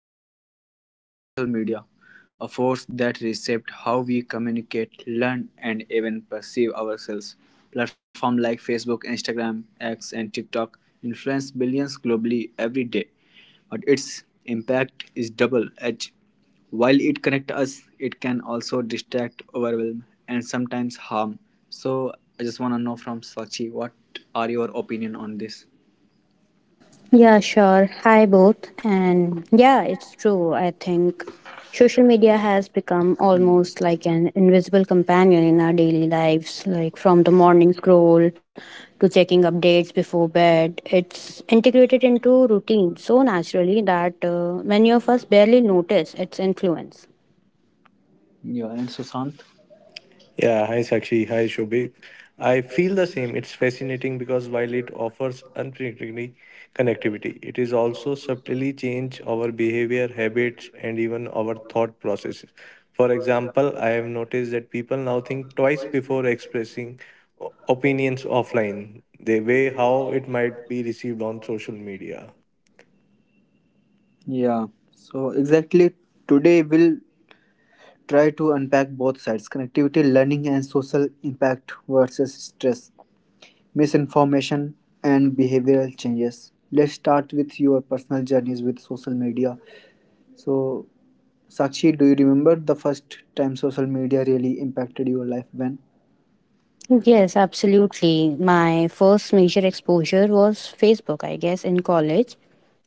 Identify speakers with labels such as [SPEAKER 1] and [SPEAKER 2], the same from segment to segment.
[SPEAKER 1] we are discussing social media, a force that reshaped how we communicate, learn, and even perceive ourselves. Platforms like Facebook, Instagram, X, and TikTok influence billions globally every day, but its impact is double edged. While it connects us, it can also distract, overwhelm, and sometimes harm. So, I just want to know from Sachi, what are your opinion on this?
[SPEAKER 2] Yeah, sure. Hi, both. And yeah, it's true. I think social media has become almost like an invisible companion in our daily lives, like from the morning scroll to checking updates before bed. It's integrated into routine so naturally that many of us barely notice its influence.
[SPEAKER 1] Yeah, and Sushant.
[SPEAKER 3] Yeah, hi Sakshi, hi Shobhit. I feel the same. It's fascinating because while it offers unpredictability connectivity, it is also subtly change our behavior, habits, and even our thought processes. For example, I have noticed that people now think twice before expressing opinions offline. They weigh how it might be received on social media.
[SPEAKER 1] Yeah, so exactly today we'll try to unpack both sides connectivity, learning, and social impact versus stress, misinformation, and behavioral changes. Let's start with your personal journeys with social media. So, Sakshi, do you remember the first time social media really impacted your life when?
[SPEAKER 2] Yes, absolutely. My first major exposure was Facebook, I guess, in college.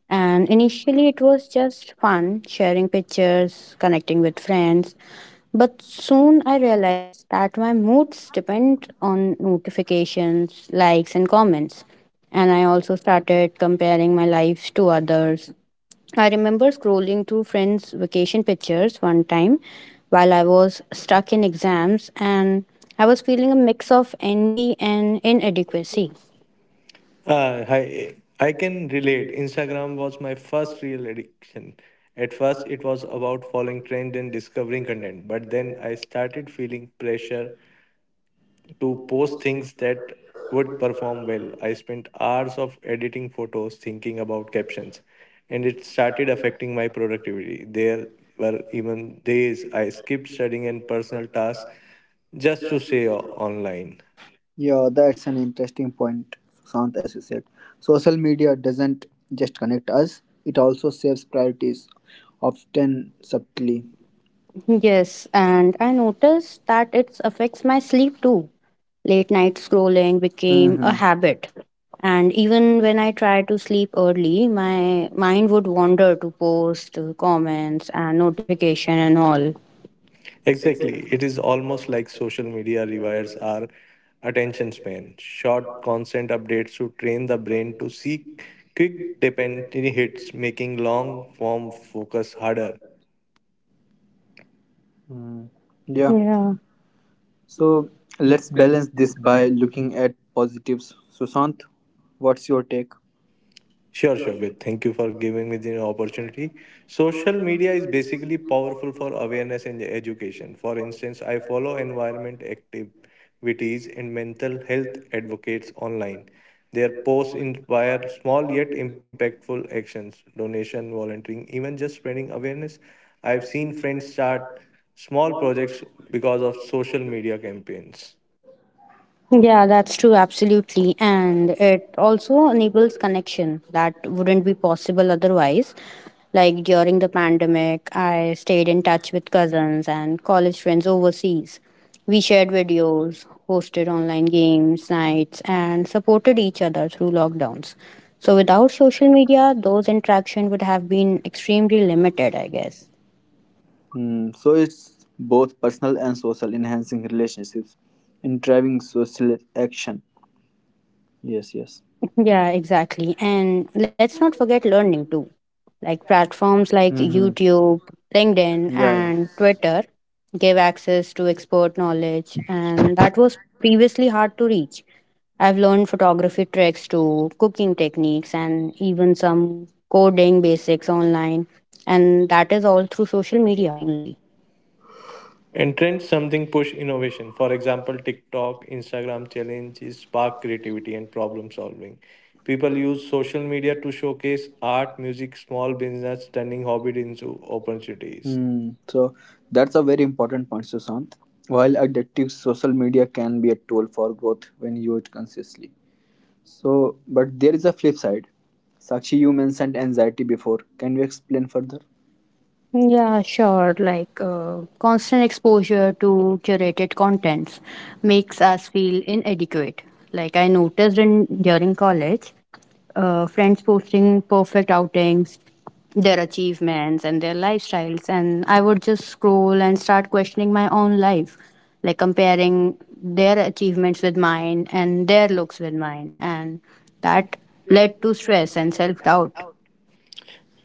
[SPEAKER 2] And initially, it was just fun, sharing pictures, connecting with friends. But soon I realized that my moods depend on notifications, likes, and comments. And I also started comparing my life to others. I remember scrolling through friends' vacation pictures one time while I was stuck in exams, and I was feeling a mix of envy and inadequacy.
[SPEAKER 3] I can relate. Instagram was my first real addiction. At first, it was about following trend and discovering content, but then I started feeling pressure to post things that would perform well. I spent hours of editing photos, thinking about captions, and it started affecting my productivity. There were even days I skipped studying and personal tasks just to stay online.
[SPEAKER 1] Yeah, that's an interesting point, Sushant, as you said. Social media doesn't just connect us, it also saves priorities, often subtly.
[SPEAKER 2] Yes, and I noticed that it affects my sleep too. Late night scrolling became a
[SPEAKER 1] Hmm,
[SPEAKER 2] habit. And even when I tried to sleep early, my mind would wander to posts, to comments, and notification and all.
[SPEAKER 3] Exactly. It is almost like social media rewires our attention span. Short, constant updates to train the brain to seek quick, dependent hits, making long form focus harder.
[SPEAKER 1] yeah.
[SPEAKER 2] Yeah.
[SPEAKER 1] So let's balance this by looking at positives. Sushant, what's your take?
[SPEAKER 3] Sure, Shobit. Thank you for giving me the opportunity. Social media is basically powerful for awareness and education. For instance, I follow environment activities and mental health advocates online. Their posts inspire small yet impactful actions, donation, volunteering, even just spreading awareness. I've seen friends start small projects because of social media campaigns.
[SPEAKER 2] Yeah, that's true, absolutely. And it also enables connection that wouldn't be possible otherwise. Like during the pandemic, I stayed in touch with cousins and college friends overseas. We shared videos, hosted online games, nights, and supported each other through lockdowns. So without social media, those interactions would have been extremely limited, I guess.
[SPEAKER 1] Hmm, so it's both personal and social, enhancing relationships and driving social action. Yes, yes.
[SPEAKER 2] Yeah, exactly. And let's not forget learning too. Like platforms like
[SPEAKER 1] Mm-hmm.
[SPEAKER 2] YouTube, LinkedIn,
[SPEAKER 1] Yeah, yeah.
[SPEAKER 2] and Twitter give access to expert knowledge, and that was previously hard to reach. I've learned photography tricks to cooking techniques and even some coding basics online, and that is all through social media only.
[SPEAKER 3] And trends something push innovation. For example, TikTok, Instagram challenges spark creativity and problem solving. People use social media to showcase art, music, small business, turning hobby into opportunities.
[SPEAKER 1] Hmm. So that's a very important point, Sushant. While addictive social media can be a tool for growth when used consciously, so, but there is a flip side. Sakshi, you mentioned anxiety before. Can you explain further?
[SPEAKER 2] Yeah, sure. Like constant exposure to curated contents makes us feel inadequate. Like I noticed in during college, friends posting perfect outings, their achievements and their lifestyles, and I would just scroll and start questioning my own life, like comparing their achievements with mine and their looks with mine, and that led to stress and self doubt.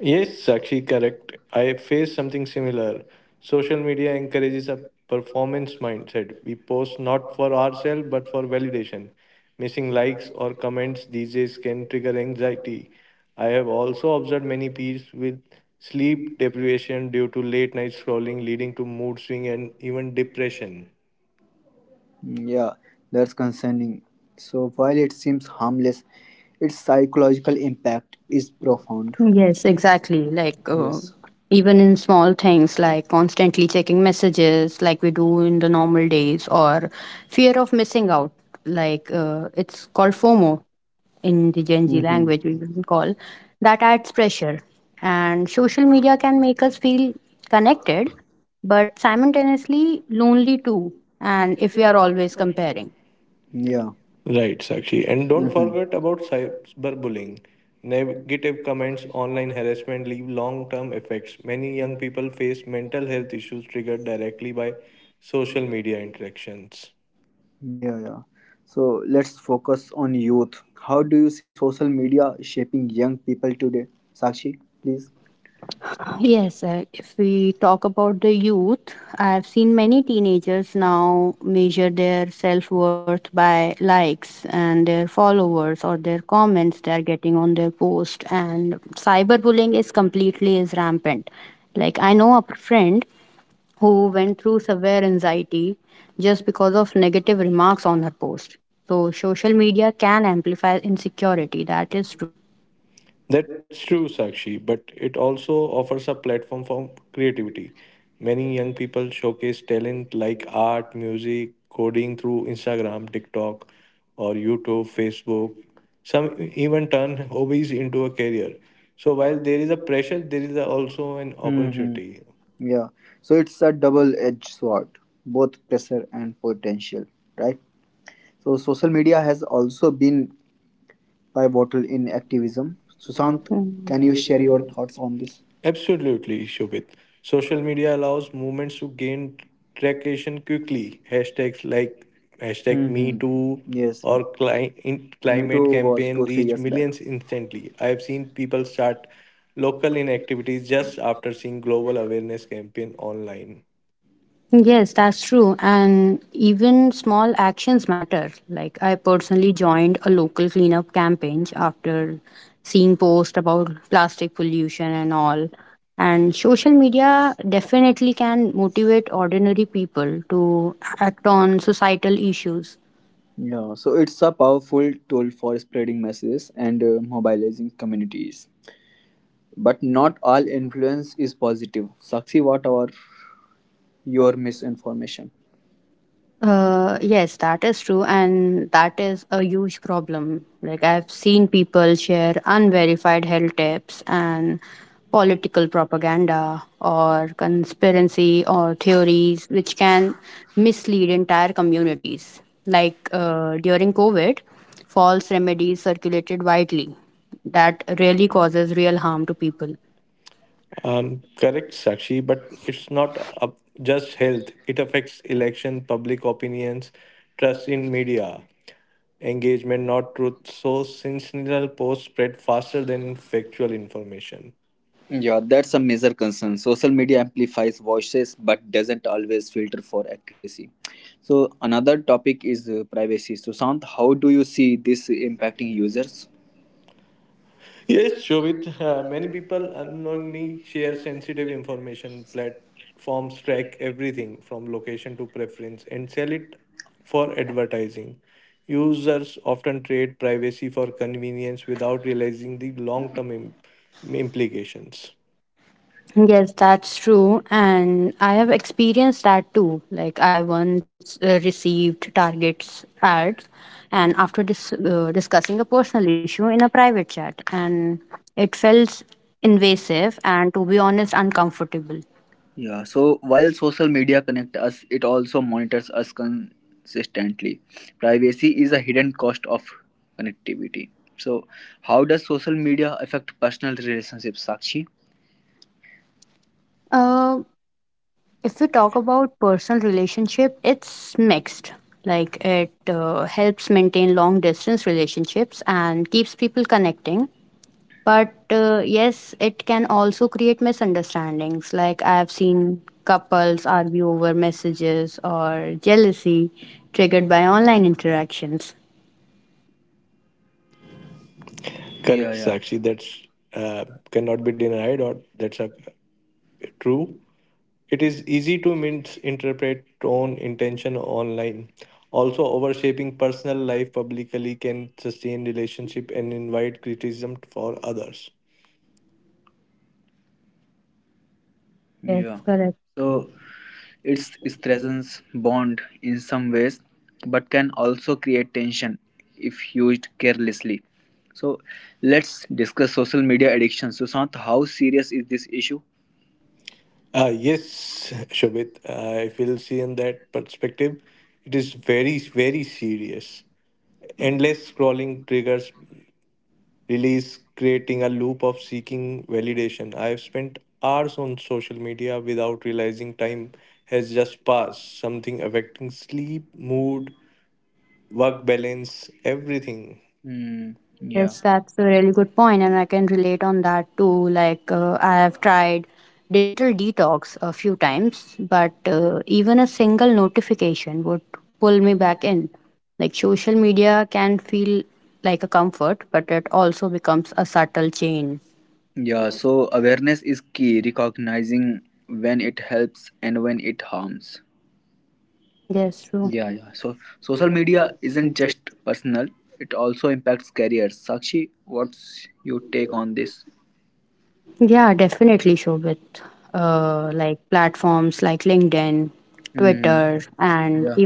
[SPEAKER 3] Yes, Sakshi, correct. I face something similar. Social media encourages a performance mindset. We post not for ourselves but for validation. Missing likes or comments these days can trigger anxiety. I have also observed many peers with sleep deprivation due to late night scrolling, leading to mood swing and even depression.
[SPEAKER 1] Mm, yeah, that's concerning. So, while it seems harmless, its psychological impact is profound.
[SPEAKER 2] Yes, exactly. Like
[SPEAKER 1] Yes.
[SPEAKER 2] even in small things like constantly checking messages, like we do in the normal days, or fear of missing out. Like it's called FOMO in the Gen Z
[SPEAKER 1] Mm-hmm.
[SPEAKER 2] language, we will call that adds pressure. And social media can make us feel connected, but simultaneously lonely too. And if we are always comparing.
[SPEAKER 1] Yeah,
[SPEAKER 3] Right, Sakshi. And don't forget about cyberbullying. Negative comments, online harassment leave long term effects. Many young people face mental health issues triggered directly by social media interactions.
[SPEAKER 1] yeah, yeah. So, let's focus on youth. How do you see social media shaping young people today? Sakshi, please.
[SPEAKER 2] Yes, sir. If we talk about the youth, I've seen many teenagers now measure their self worth by likes and their followers or their comments they are getting on their post. And cyberbullying is completely is rampant. Like I know a friend who went through severe anxiety just because of negative remarks on her post. So social media can amplify insecurity. That is true.
[SPEAKER 3] That's true, Sakshi, but it also offers a platform for creativity. Many young people showcase talent like art, music, coding through Instagram, TikTok, or YouTube, Facebook. Some even turn hobbies into a career. So while there is a pressure, there is also an
[SPEAKER 1] An
[SPEAKER 3] opportunity.
[SPEAKER 1] Hmm, yeah. So it's a double-edged sword, both pressure and potential, right? So social media has also been by bottle in activism. Sushant, can you share your thoughts on this?
[SPEAKER 3] Absolutely, Shobit. Social media allows movements to gain traction quickly. Hashtags like hashtag Me
[SPEAKER 1] Hmm.
[SPEAKER 3] Too
[SPEAKER 1] Yes,
[SPEAKER 3] or
[SPEAKER 1] Me
[SPEAKER 3] climate
[SPEAKER 1] Too was
[SPEAKER 3] campaign
[SPEAKER 1] two three
[SPEAKER 3] reach
[SPEAKER 1] years back.
[SPEAKER 3] millions instantly. I have seen people start local inactivities just after seeing global awareness campaign online.
[SPEAKER 2] Yes, that's true. And even small actions matter. Like I personally joined a local cleanup campaign after seeing posts about plastic pollution and all. And social media definitely can motivate ordinary people to act on societal issues.
[SPEAKER 1] Yeah, so it's a powerful tool for spreading messages and mobilizing communities. But not all influence is positive. Sakshi, what are your misinformation?
[SPEAKER 2] Yes, that is true, and that is a huge problem. Like, I've seen people share unverified health tips and political propaganda or conspiracy or theories which can mislead entire communities. Like, during COVID, false remedies circulated widely that really causes real harm to people.
[SPEAKER 3] Correct, Sakshi, but it's not up just health. It affects election, public opinions, trust in media. Engagement, not truth. So sensational posts spread faster than factual information.
[SPEAKER 1] Yeah, that's a major concern. Social media amplifies voices but doesn't always filter for accuracy. So, another topic is privacy. So, Sant, how do you see this impacting users?
[SPEAKER 3] Yes, Shobit, many people unknowingly share sensitive information. Platforms track everything from location to preference and sell it for advertising. Users often trade privacy for convenience without realizing the long term implications.
[SPEAKER 2] Yes, that's true. And I have experienced that too. Like, I once received Target's ads, and after discussing a personal issue in a private chat, and it felt invasive and, to be honest, uncomfortable.
[SPEAKER 1] Yeah, so while social media connect us, it also monitors us consistently. Privacy is a hidden cost of connectivity. So, how does social media affect personal relationships, Sakshi?
[SPEAKER 2] Uh, if we talk about personal relationship, it's mixed. Like, it helps maintain long distance relationships and keeps people connecting. But yes, it can also create misunderstandings. Like I've seen couples argue over messages or jealousy triggered by online interactions.
[SPEAKER 1] Yeah,
[SPEAKER 3] Correct,
[SPEAKER 1] yeah.
[SPEAKER 3] Sakshi. That's cannot be denied, or that's a, true. It is easy to misinterpret tone intention online. Also, overshaping personal life publicly can sustain relationship and invite criticism for others.
[SPEAKER 2] Yes,
[SPEAKER 1] Yeah.
[SPEAKER 2] correct.
[SPEAKER 1] So it strengthens bond in some ways, but can also create tension if used carelessly. So let's discuss social media addiction. Sushant, how serious is this issue?
[SPEAKER 3] Yes, Shobit, I feel seeing that perspective. It is very, very serious. Endless scrolling triggers release, creating a loop of seeking validation. I've spent hours on social media without realizing time has just passed, something affecting sleep, mood, work balance, everything.
[SPEAKER 1] Hmm. Yeah.
[SPEAKER 2] Yes, that's a really good point, and I can relate on that too. Like, I have tried digital detox a few times, but even a single notification would pull me back in. Like, social media can feel like a comfort, but it also becomes a subtle chain.
[SPEAKER 1] Yeah. So awareness is key. Recognizing when it helps and when it harms.
[SPEAKER 2] Yes, true.
[SPEAKER 1] Yeah, yeah. So social media isn't just personal; it also impacts careers. Sakshi, what's your take on this?
[SPEAKER 2] Yeah, definitely.
[SPEAKER 1] Hmm. Yeah.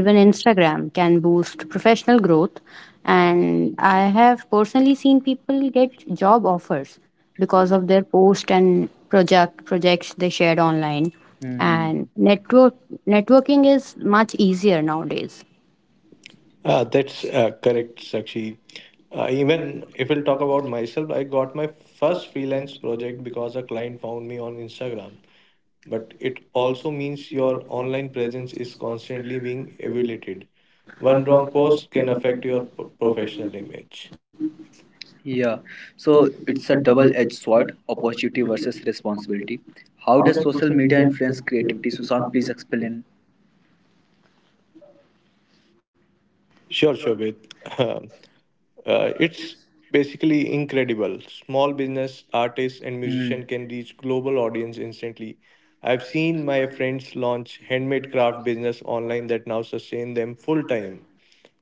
[SPEAKER 1] Hmm.
[SPEAKER 3] That's correct, Sakshi. Even if we'll talk about myself, I got my first freelance project because a client found me on Instagram. But it also means your online presence is constantly being evaluated. One wrong post can affect your professional image.
[SPEAKER 1] Yeah. So it's a double-edged sword, opportunity versus responsibility. How does social media influence creativity? Susan, please explain.
[SPEAKER 3] Sure, Shobit. It's basically incredible. Small business artists and
[SPEAKER 1] Hmm.
[SPEAKER 3] musicians can reach global audience instantly. I've seen my friends launch handmade craft business online that now sustain them full time.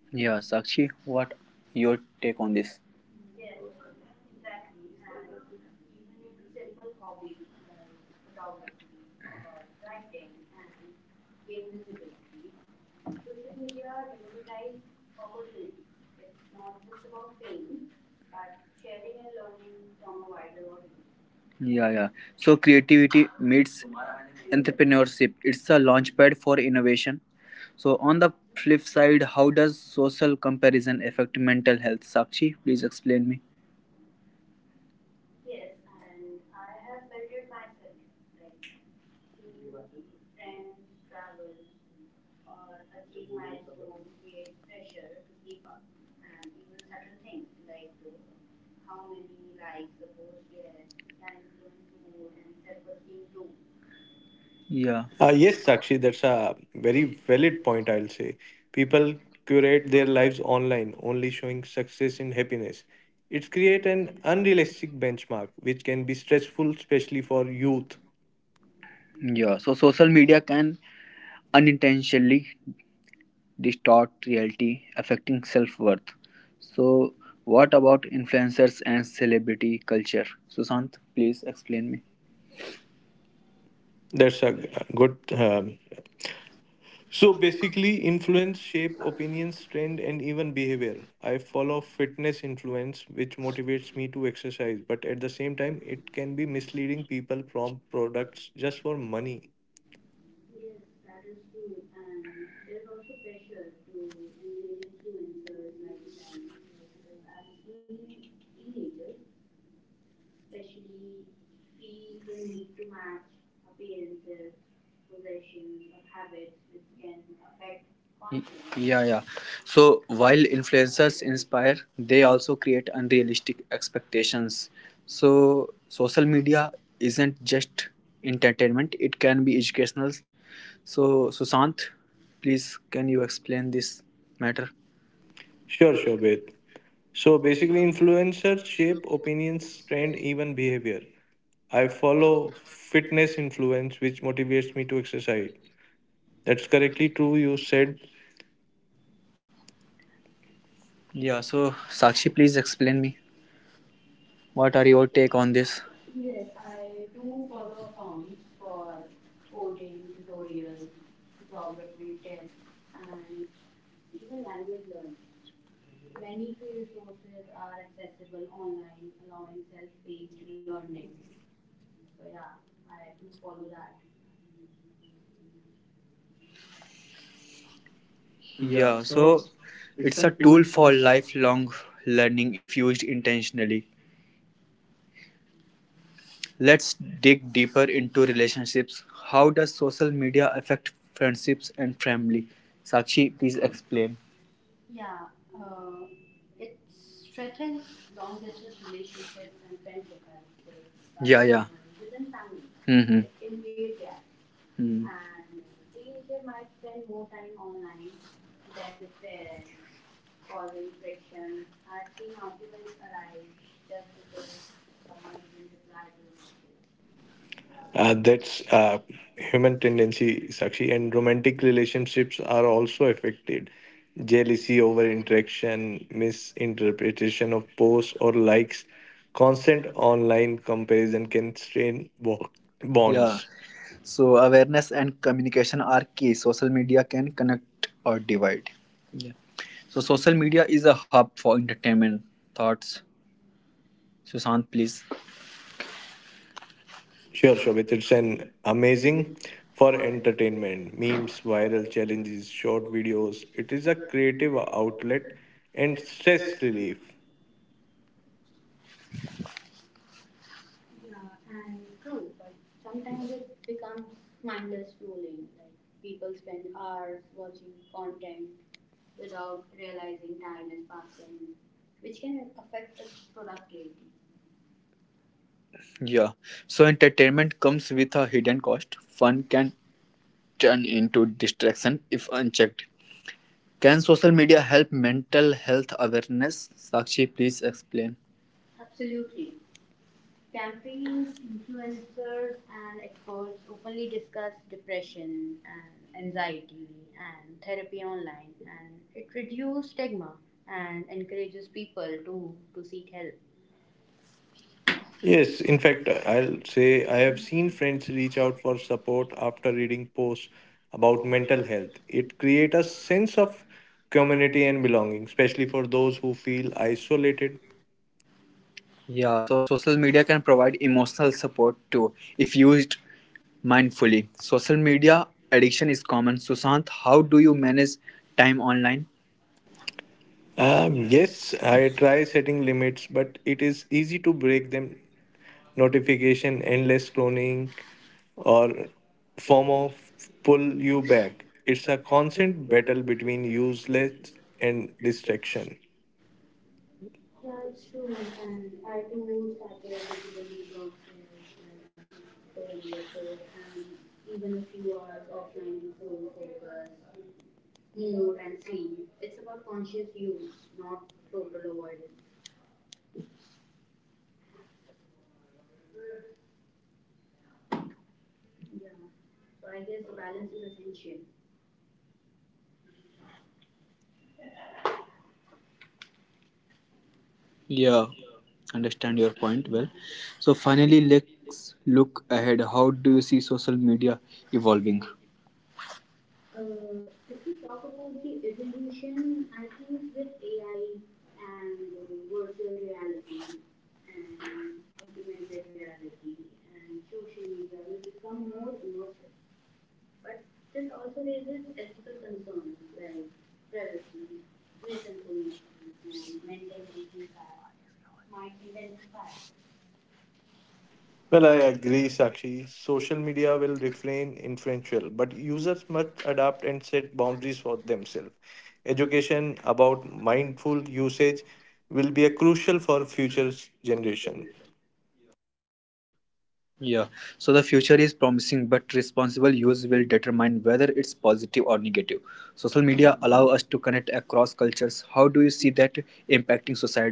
[SPEAKER 1] Yeah, Sakshi, what your take on this? Yeah, yeah. So creativity meets entrepreneurship. It's a launchpad for innovation. So on the flip side, how does social comparison affect mental health? Sakshi, please explain me. Yeah.
[SPEAKER 3] Yes, Sakshi, that's a very valid point, I'll say. People curate their lives online, only showing success and happiness. It creates an unrealistic benchmark, which can be stressful, especially for youth.
[SPEAKER 1] Yeah. So social media can unintentionally distort reality, affecting self-worth. So what about influencers and celebrity culture? Sushant, please explain me.
[SPEAKER 3] That's a good so basically, influence shape opinions, trend, and even behavior. I follow fitness influence, which motivates me to exercise, but at the same time, it can be misleading people from products just for money.
[SPEAKER 1] Yeah, yeah. So while influencers inspire, they also create unrealistic expectations. So social media isn't just entertainment, it can be educational. So Sushant, please can you explain this matter?
[SPEAKER 3] Sure, sure, Beth. So basically, influencers shape opinions, trend, even behavior. I follow fitness influence, which motivates me to exercise. That's correctly true, you said,
[SPEAKER 1] Yeah, so Sakshi, please explain me what are your take on this? Yeah, so it's a tool for lifelong learning if used intentionally. Let's dig deeper into relationships. How does social media affect friendships and family? Sakshi, please explain.
[SPEAKER 3] That's human tendency, Sakshi, and romantic relationships are also affected. Jealousy over interaction, misinterpretation of posts or likes, constant online comparison can strain
[SPEAKER 1] Yeah.
[SPEAKER 3] bonds.
[SPEAKER 1] So awareness and communication are key. Social media can connect or divide. Yeah. So social media is a hub for entertainment. Thoughts, Sushant, please.
[SPEAKER 3] Sure, Shobit, it's an amazing for entertainment, memes, viral challenges, short videos. It is a creative outlet and stress relief.
[SPEAKER 1] Yeah. So entertainment comes with a hidden cost. Fun can turn into distraction if unchecked. Can social media help mental health awareness? Sakshi, please explain.
[SPEAKER 3] Yes, in fact, I'll say I have seen friends reach out for support after reading posts about mental health. It creates a sense of community and belonging, especially for those who feel isolated.
[SPEAKER 1] Yeah, so social media can provide emotional support too if used mindfully. Social media addiction is common. Sushant, how do you manage time online?
[SPEAKER 3] Yes, I try setting limits, but it is easy to break them. Notification, endless scrolling, or FOMO pull you back. It's a constant battle between useless and distraction.
[SPEAKER 1] Yeah, understand your point well. So, finally, let's look ahead. How do you see social media evolving?
[SPEAKER 3] Well, I agree, Sakshi. Social media will refrain influential, but users must adapt and set boundaries for themselves. Education about mindful usage will be a crucial for future generation.
[SPEAKER 1] Yeah, so the future is promising, but responsible use will determine whether it's positive or negative. Social media allow us to connect across cultures. How do you see that impacting society? Sakshi, please.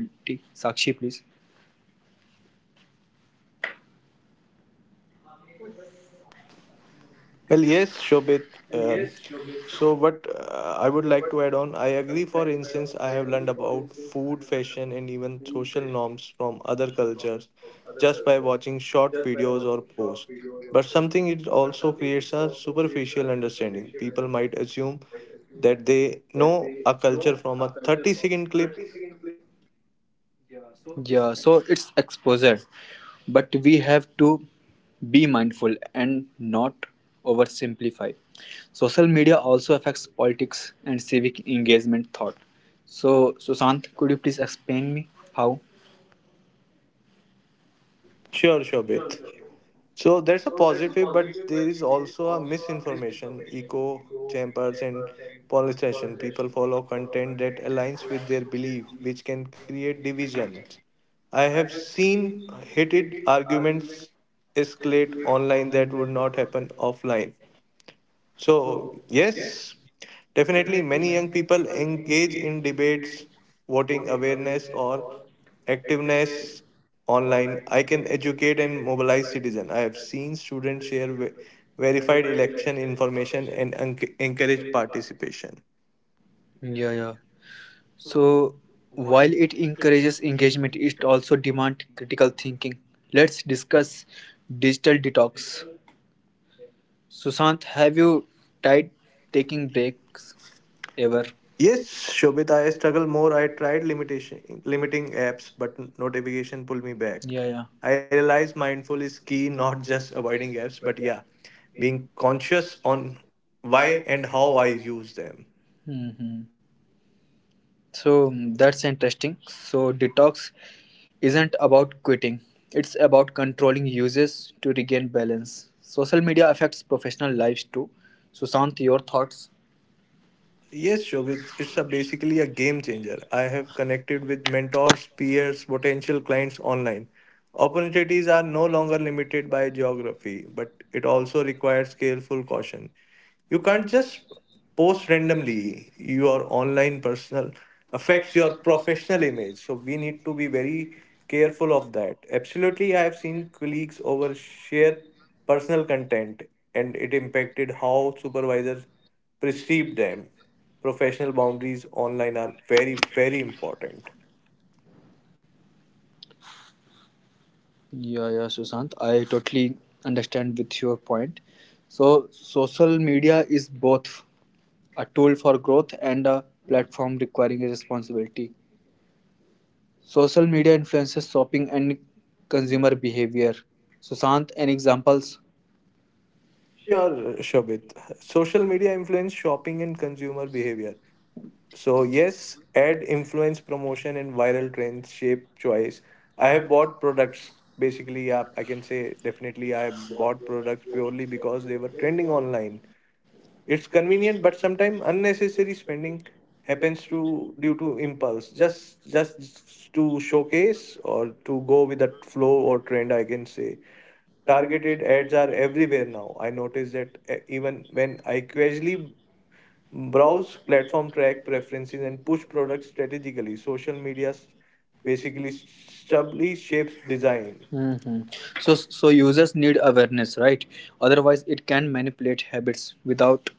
[SPEAKER 3] Well, yes, Shobit. Um, so, what I would like to add on, I agree. For instance, I have learned about food, fashion, and even social norms from other cultures just by watching short videos or posts. But something it also creates a superficial understanding. People might assume that they know a culture from a 30-second clip.
[SPEAKER 1] Yeah, so it's exposure, but we have to be mindful and not oversimplify. Social media also affects politics and civic engagement thought. So, Sushant, could you please explain me how?
[SPEAKER 3] Sure, Shobit. So that's a positive, but there is also a misinformation, echo chambers, and polarization. People follow content that aligns with their belief, which can create divisions. I have seen heated arguments escalate online that would not happen offline. So, yes, definitely many young people engage in debates, voting awareness, or activeness online. I can educate and mobilize citizen. I have seen students share verified election information and encourage participation.
[SPEAKER 1] Yeah, yeah. So, while it encourages engagement, it also demands critical thinking. Let's discuss digital detox. Sushant, have you tried taking breaks ever?
[SPEAKER 3] Yes, Shobit, I struggle more. I tried limitation limiting apps, but notification pulled me back.
[SPEAKER 1] Yeah, yeah.
[SPEAKER 3] I realize mindful is key, not just avoiding apps, but yeah, being conscious on why and how I use them.
[SPEAKER 1] Hmm, so that's interesting. So detox isn't about quitting; it's about controlling uses to regain balance. Social media affects professional lives too. Sushant, your thoughts?
[SPEAKER 3] Yes, Shobit, it's a basically a game changer. I have connected with mentors, peers, potential clients online. Opportunities are no longer limited by geography, but it also requires careful caution. You can't just post randomly. Your online personal affects your professional image, so we need to be very careful of that. Absolutely, I have seen colleagues overshare personal content, and it impacted how supervisors perceived them. Professional boundaries online are very, very important.
[SPEAKER 1] Yeah, yeah, Sushant. I totally understand with your point. So, social media is both a tool for growth and a platform requiring a responsibility. Social media influences shopping and consumer behavior. Sushant, any examples?
[SPEAKER 3] Sure, Shobit. Social media influence shopping and consumer behavior. So, yes, ad influence promotion and viral trends shape choice. I have bought products basically, yeah, I can say definitely I have bought products purely because they were trending online. It's convenient but sometimes unnecessary spending happens to due to impulse just to showcase or to go with the flow or trend I can say targeted ads are everywhere now. I notice that even when I casually browse platform track preferences and push products strategically social media basically subtly shapes design.
[SPEAKER 1] Hmm. So, so users need awareness, right? Otherwise, it can manipulate habits without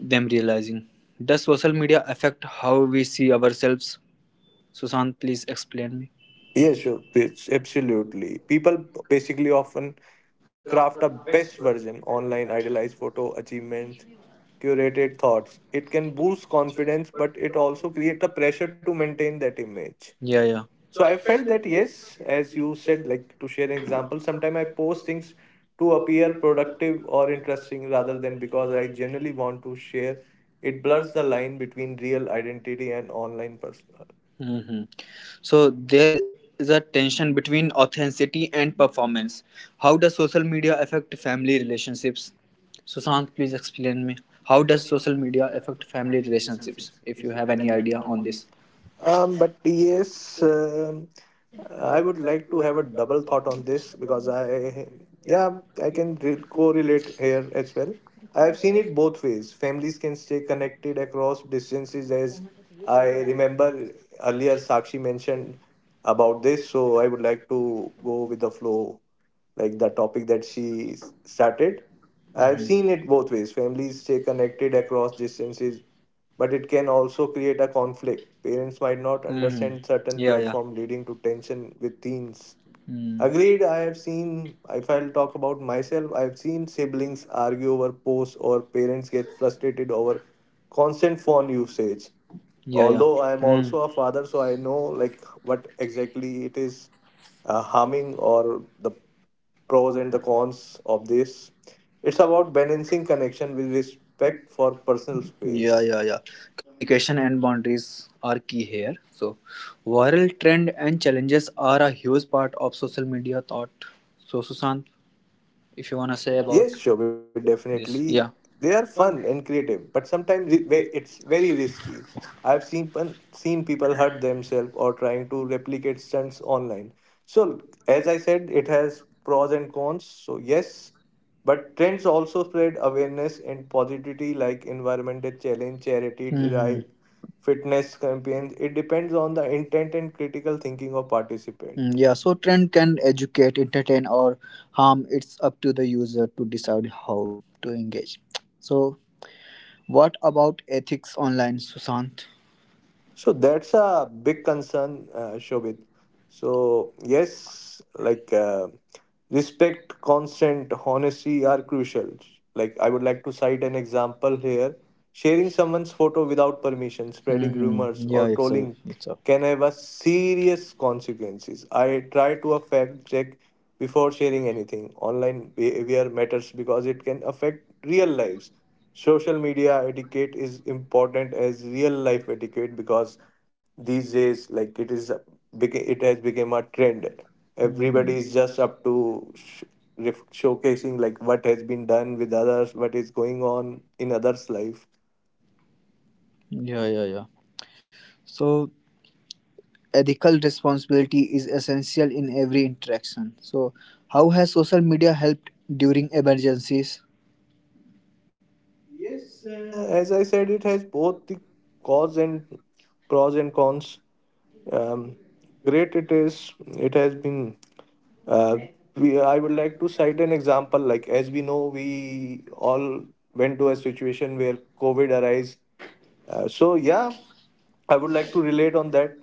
[SPEAKER 1] them realizing. Does social media affect how we see ourselves? Sushant, please explain me.
[SPEAKER 3] Yes, sure. It's absolutely. People basically often craft a best version online, idealized photo achievements, curated thoughts. It can boost confidence, but it also creates a pressure to maintain that image.
[SPEAKER 1] Yeah, yeah.
[SPEAKER 3] So I felt that yes, as you said, like to share an example, sometimes I post things to appear productive or interesting rather than because I generally want to share. It blurs the line between real identity and online personal.
[SPEAKER 1] Hmm, so there is a tension between authenticity and performance. How does social media affect family relationships? Sushant, please explain me. How does social media affect family relationships? If you have any idea on this.
[SPEAKER 3] Um, but yes, um,
[SPEAKER 1] I
[SPEAKER 3] I would
[SPEAKER 1] would like
[SPEAKER 3] like
[SPEAKER 1] to
[SPEAKER 3] to
[SPEAKER 1] have
[SPEAKER 3] have a
[SPEAKER 1] a
[SPEAKER 3] double
[SPEAKER 1] thought
[SPEAKER 3] thought
[SPEAKER 1] on
[SPEAKER 3] on
[SPEAKER 1] this
[SPEAKER 3] this
[SPEAKER 1] because
[SPEAKER 3] because
[SPEAKER 1] when I
[SPEAKER 3] yeah,
[SPEAKER 1] yeah,
[SPEAKER 3] I can
[SPEAKER 1] before we get
[SPEAKER 3] correlate
[SPEAKER 1] here,
[SPEAKER 3] here as well.
[SPEAKER 1] I
[SPEAKER 3] I
[SPEAKER 1] have
[SPEAKER 3] have seen it both ways. Families can stay
[SPEAKER 1] some
[SPEAKER 3] connected across
[SPEAKER 1] diagnosed
[SPEAKER 3] distances,
[SPEAKER 1] diseases.
[SPEAKER 3] as
[SPEAKER 1] I
[SPEAKER 3] I
[SPEAKER 1] remember
[SPEAKER 3] remember earlier Sakshi mentioned about
[SPEAKER 1] about
[SPEAKER 3] this.
[SPEAKER 1] this.
[SPEAKER 3] So I would like to go with the flow, like the topic that she started.
[SPEAKER 1] I've
[SPEAKER 3] I've
[SPEAKER 1] Mhm.
[SPEAKER 3] seen
[SPEAKER 1] seen
[SPEAKER 3] it both ways.
[SPEAKER 1] it. We
[SPEAKER 3] Families
[SPEAKER 1] stay
[SPEAKER 3] stay
[SPEAKER 1] connected
[SPEAKER 3] connected across
[SPEAKER 1] across.
[SPEAKER 3] distances but it can also create a conflict. Parents might not
[SPEAKER 1] Mhm.
[SPEAKER 3] understand certain platform leading to tension with teens.
[SPEAKER 1] Hmm.
[SPEAKER 3] Agreed, I have seen if I'll talk about myself, I've seen siblings argue over posts or parents get frustrated over constant phone usage. Although I am
[SPEAKER 1] Hmm.
[SPEAKER 3] also a father, so I know like what exactly it is harming or the pros and the cons of this. It's about balancing connection with respect for personal
[SPEAKER 1] Yeah,
[SPEAKER 3] space.
[SPEAKER 1] yeah, yeah. Communication and boundaries are key here. So, viral trend and challenges are a huge part of social media thought. So, Sushant, if you want to say.
[SPEAKER 3] Yes, Shobit, definitely. They are fun and creative, but sometimes it's very risky. I've seen people hurt themselves or trying to replicate stunts online. So, as I said, it has pros and cons. So, yes, but trends also spread awareness and positivity, like environmental challenge, charity
[SPEAKER 1] Mhm.
[SPEAKER 3] drive, fitness campaigns. It depends on the intent and critical thinking of
[SPEAKER 1] Mm,
[SPEAKER 3] participant.
[SPEAKER 1] yeah, so trend can educate entertain or harm, it's up to the user to decide how to engage. So what about ethics online, Sushant?
[SPEAKER 3] So that's a big concern, Shobit. So yes, respect, consent, honesty are crucial. Like I would like to cite an example here. Sharing someone's photo without permission, spreading
[SPEAKER 1] Hmm.
[SPEAKER 3] rumors,
[SPEAKER 1] Yeah,
[SPEAKER 3] or trolling
[SPEAKER 1] it's a
[SPEAKER 3] can have a serious consequences. I try to a fact check before sharing anything. Online behavior matters because it can affect real lives. Social media etiquette is important as real life etiquette because these days, like it is, it has become a trend. Everybody is just up to sh- showcasing like what has been done with others, what is going on in others' life.
[SPEAKER 1] yeah, yeah, yeah. So ethical responsibility is essential in every interaction. So how has social media helped during emergencies?
[SPEAKER 3] As I said, it has both the cause and pros and cons. Um, great it is. It has been. Uh, I would like to cite an example. Like as we know, we all went to a situation where COVID arise so yeah, I would like to relate on that.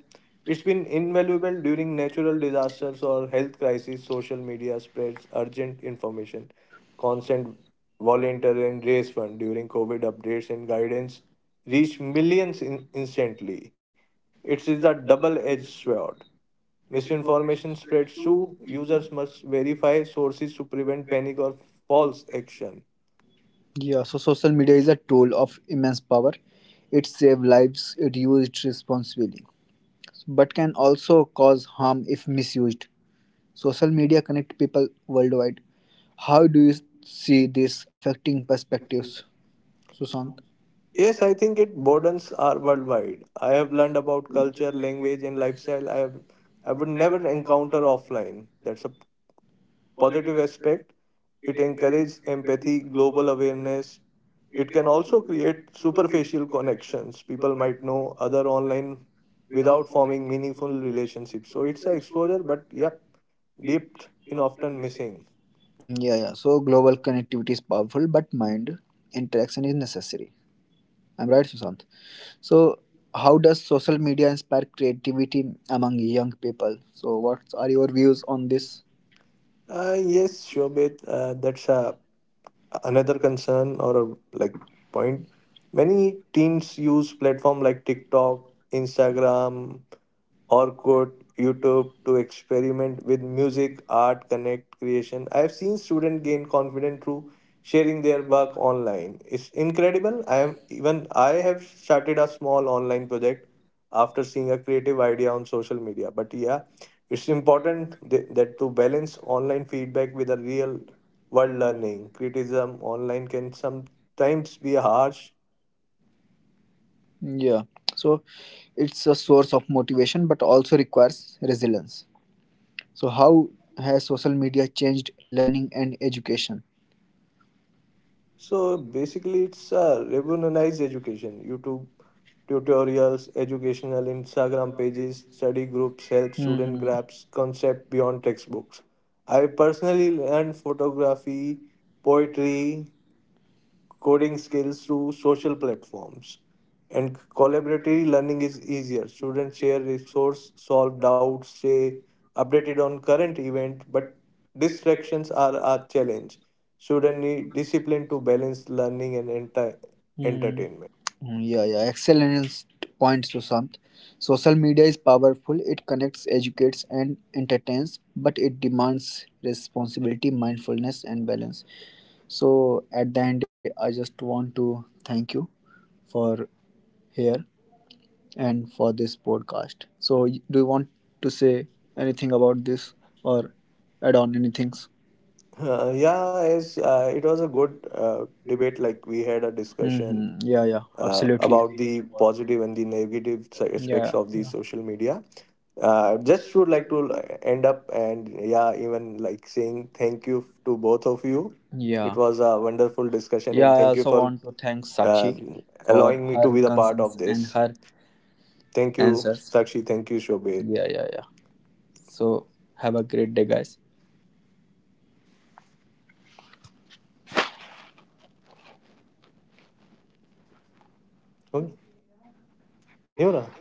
[SPEAKER 3] It's been invaluable during natural disasters or health crises. Social media spreads urgent information, constant volunteer and raise fund during COVID updates and guidance reach millions instantly. It is a double-edged sword. Misinformation spreads too. Users must verify sources to prevent panic or false action.
[SPEAKER 1] Yeah, so social media is a tool of immense power. It saves lives, it used responsibly, but can also cause harm if misused. Social media connect people worldwide. How do you see this affecting perspectives, Susant?
[SPEAKER 3] Yes, I think it borders are worldwide. I have learned about culture, language, and lifestyle. I would never encounter offline. That's a positive aspect. It encourages empathy, global awareness. It can also create superficial connections. People might know other online without forming meaningful relationships. So it's a exposure, but yep, dipped in often missing.
[SPEAKER 1] Mm, yeah, yeah. So global connectivity is powerful, but mind interaction is necessary. I'm right, Susant. So, how does social media inspire creativity among young people? So, what are your views on this?
[SPEAKER 3] Yes, Shobit, that's a another concern or a like point. Many teens use platform like TikTok, Instagram or quote YouTube to experiment with music, art, connect, creation. I have seen students gain confidence through sharing their work online. It's incredible. I am even I have started a small online project after seeing a creative idea on social media. But yeah, it's important that to balance online feedback with a real world learning. Criticism online can sometimes be harsh.
[SPEAKER 1] Yeah. So it's a source of motivation but also requires resilience. So how has social media changed learning and education?
[SPEAKER 3] So
[SPEAKER 1] So
[SPEAKER 3] basically,
[SPEAKER 1] basically
[SPEAKER 3] it's
[SPEAKER 1] it's
[SPEAKER 3] a
[SPEAKER 1] revolutionized
[SPEAKER 3] revolutionized
[SPEAKER 1] education.
[SPEAKER 3] education.
[SPEAKER 1] YouTube
[SPEAKER 3] YouTube
[SPEAKER 1] tutorials,
[SPEAKER 3] tutorials,
[SPEAKER 1] educational
[SPEAKER 3] educational
[SPEAKER 1] Instagram
[SPEAKER 3] Instagram
[SPEAKER 1] pages,
[SPEAKER 3] pages,
[SPEAKER 1] study
[SPEAKER 3] study
[SPEAKER 1] groups,
[SPEAKER 3] groups
[SPEAKER 1] and
[SPEAKER 3] help student
[SPEAKER 1] Mhm. labs,
[SPEAKER 3] grasp
[SPEAKER 1] concepts
[SPEAKER 3] concept
[SPEAKER 1] beyond
[SPEAKER 3] beyond
[SPEAKER 1] textbooks.
[SPEAKER 3] textbooks. I personally learned photography, poetry, coding skills through social platforms. And collaborative learning is easier. Students share resources, solve doubts, stay updated on current event, but distractions are a challenge. Students need discipline to balance learning and
[SPEAKER 1] Hmm.
[SPEAKER 3] entertainment.
[SPEAKER 1] Mm, yeah, yeah. Excellent points, Sushant. Social media is powerful. It connects, educates, and entertains, but it demands responsibility, mindfulness, and balance. So, at the end, I just want to thank you for here and for this podcast. So, do you want to say anything about this or add on any things?
[SPEAKER 3] Yeah, as it was a good debate. Like we had a discussion
[SPEAKER 1] Mm-hmm. Yeah, yeah.
[SPEAKER 3] about
[SPEAKER 1] Absolutely.
[SPEAKER 3] the positive and the negative
[SPEAKER 1] Yeah,
[SPEAKER 3] aspects of the
[SPEAKER 1] yeah,
[SPEAKER 3] social media. Just would like to like, end up and yeah, even like saying thank you to both of you.
[SPEAKER 1] yeah.
[SPEAKER 3] It was a wonderful discussion
[SPEAKER 1] Yeah,
[SPEAKER 3] and
[SPEAKER 1] I
[SPEAKER 3] thank you
[SPEAKER 1] also
[SPEAKER 3] for
[SPEAKER 1] want to thank Sakshi
[SPEAKER 3] um,
[SPEAKER 1] for
[SPEAKER 3] allowing me to
[SPEAKER 1] her
[SPEAKER 3] be the part of
[SPEAKER 1] concerns and
[SPEAKER 3] this.
[SPEAKER 1] her
[SPEAKER 3] Thank you,
[SPEAKER 1] answers.
[SPEAKER 3] Sakshi. Thank you, Shobhit.
[SPEAKER 1] Yeah, yeah, yeah. So have a great day, guys.
[SPEAKER 3] Okay. Neera.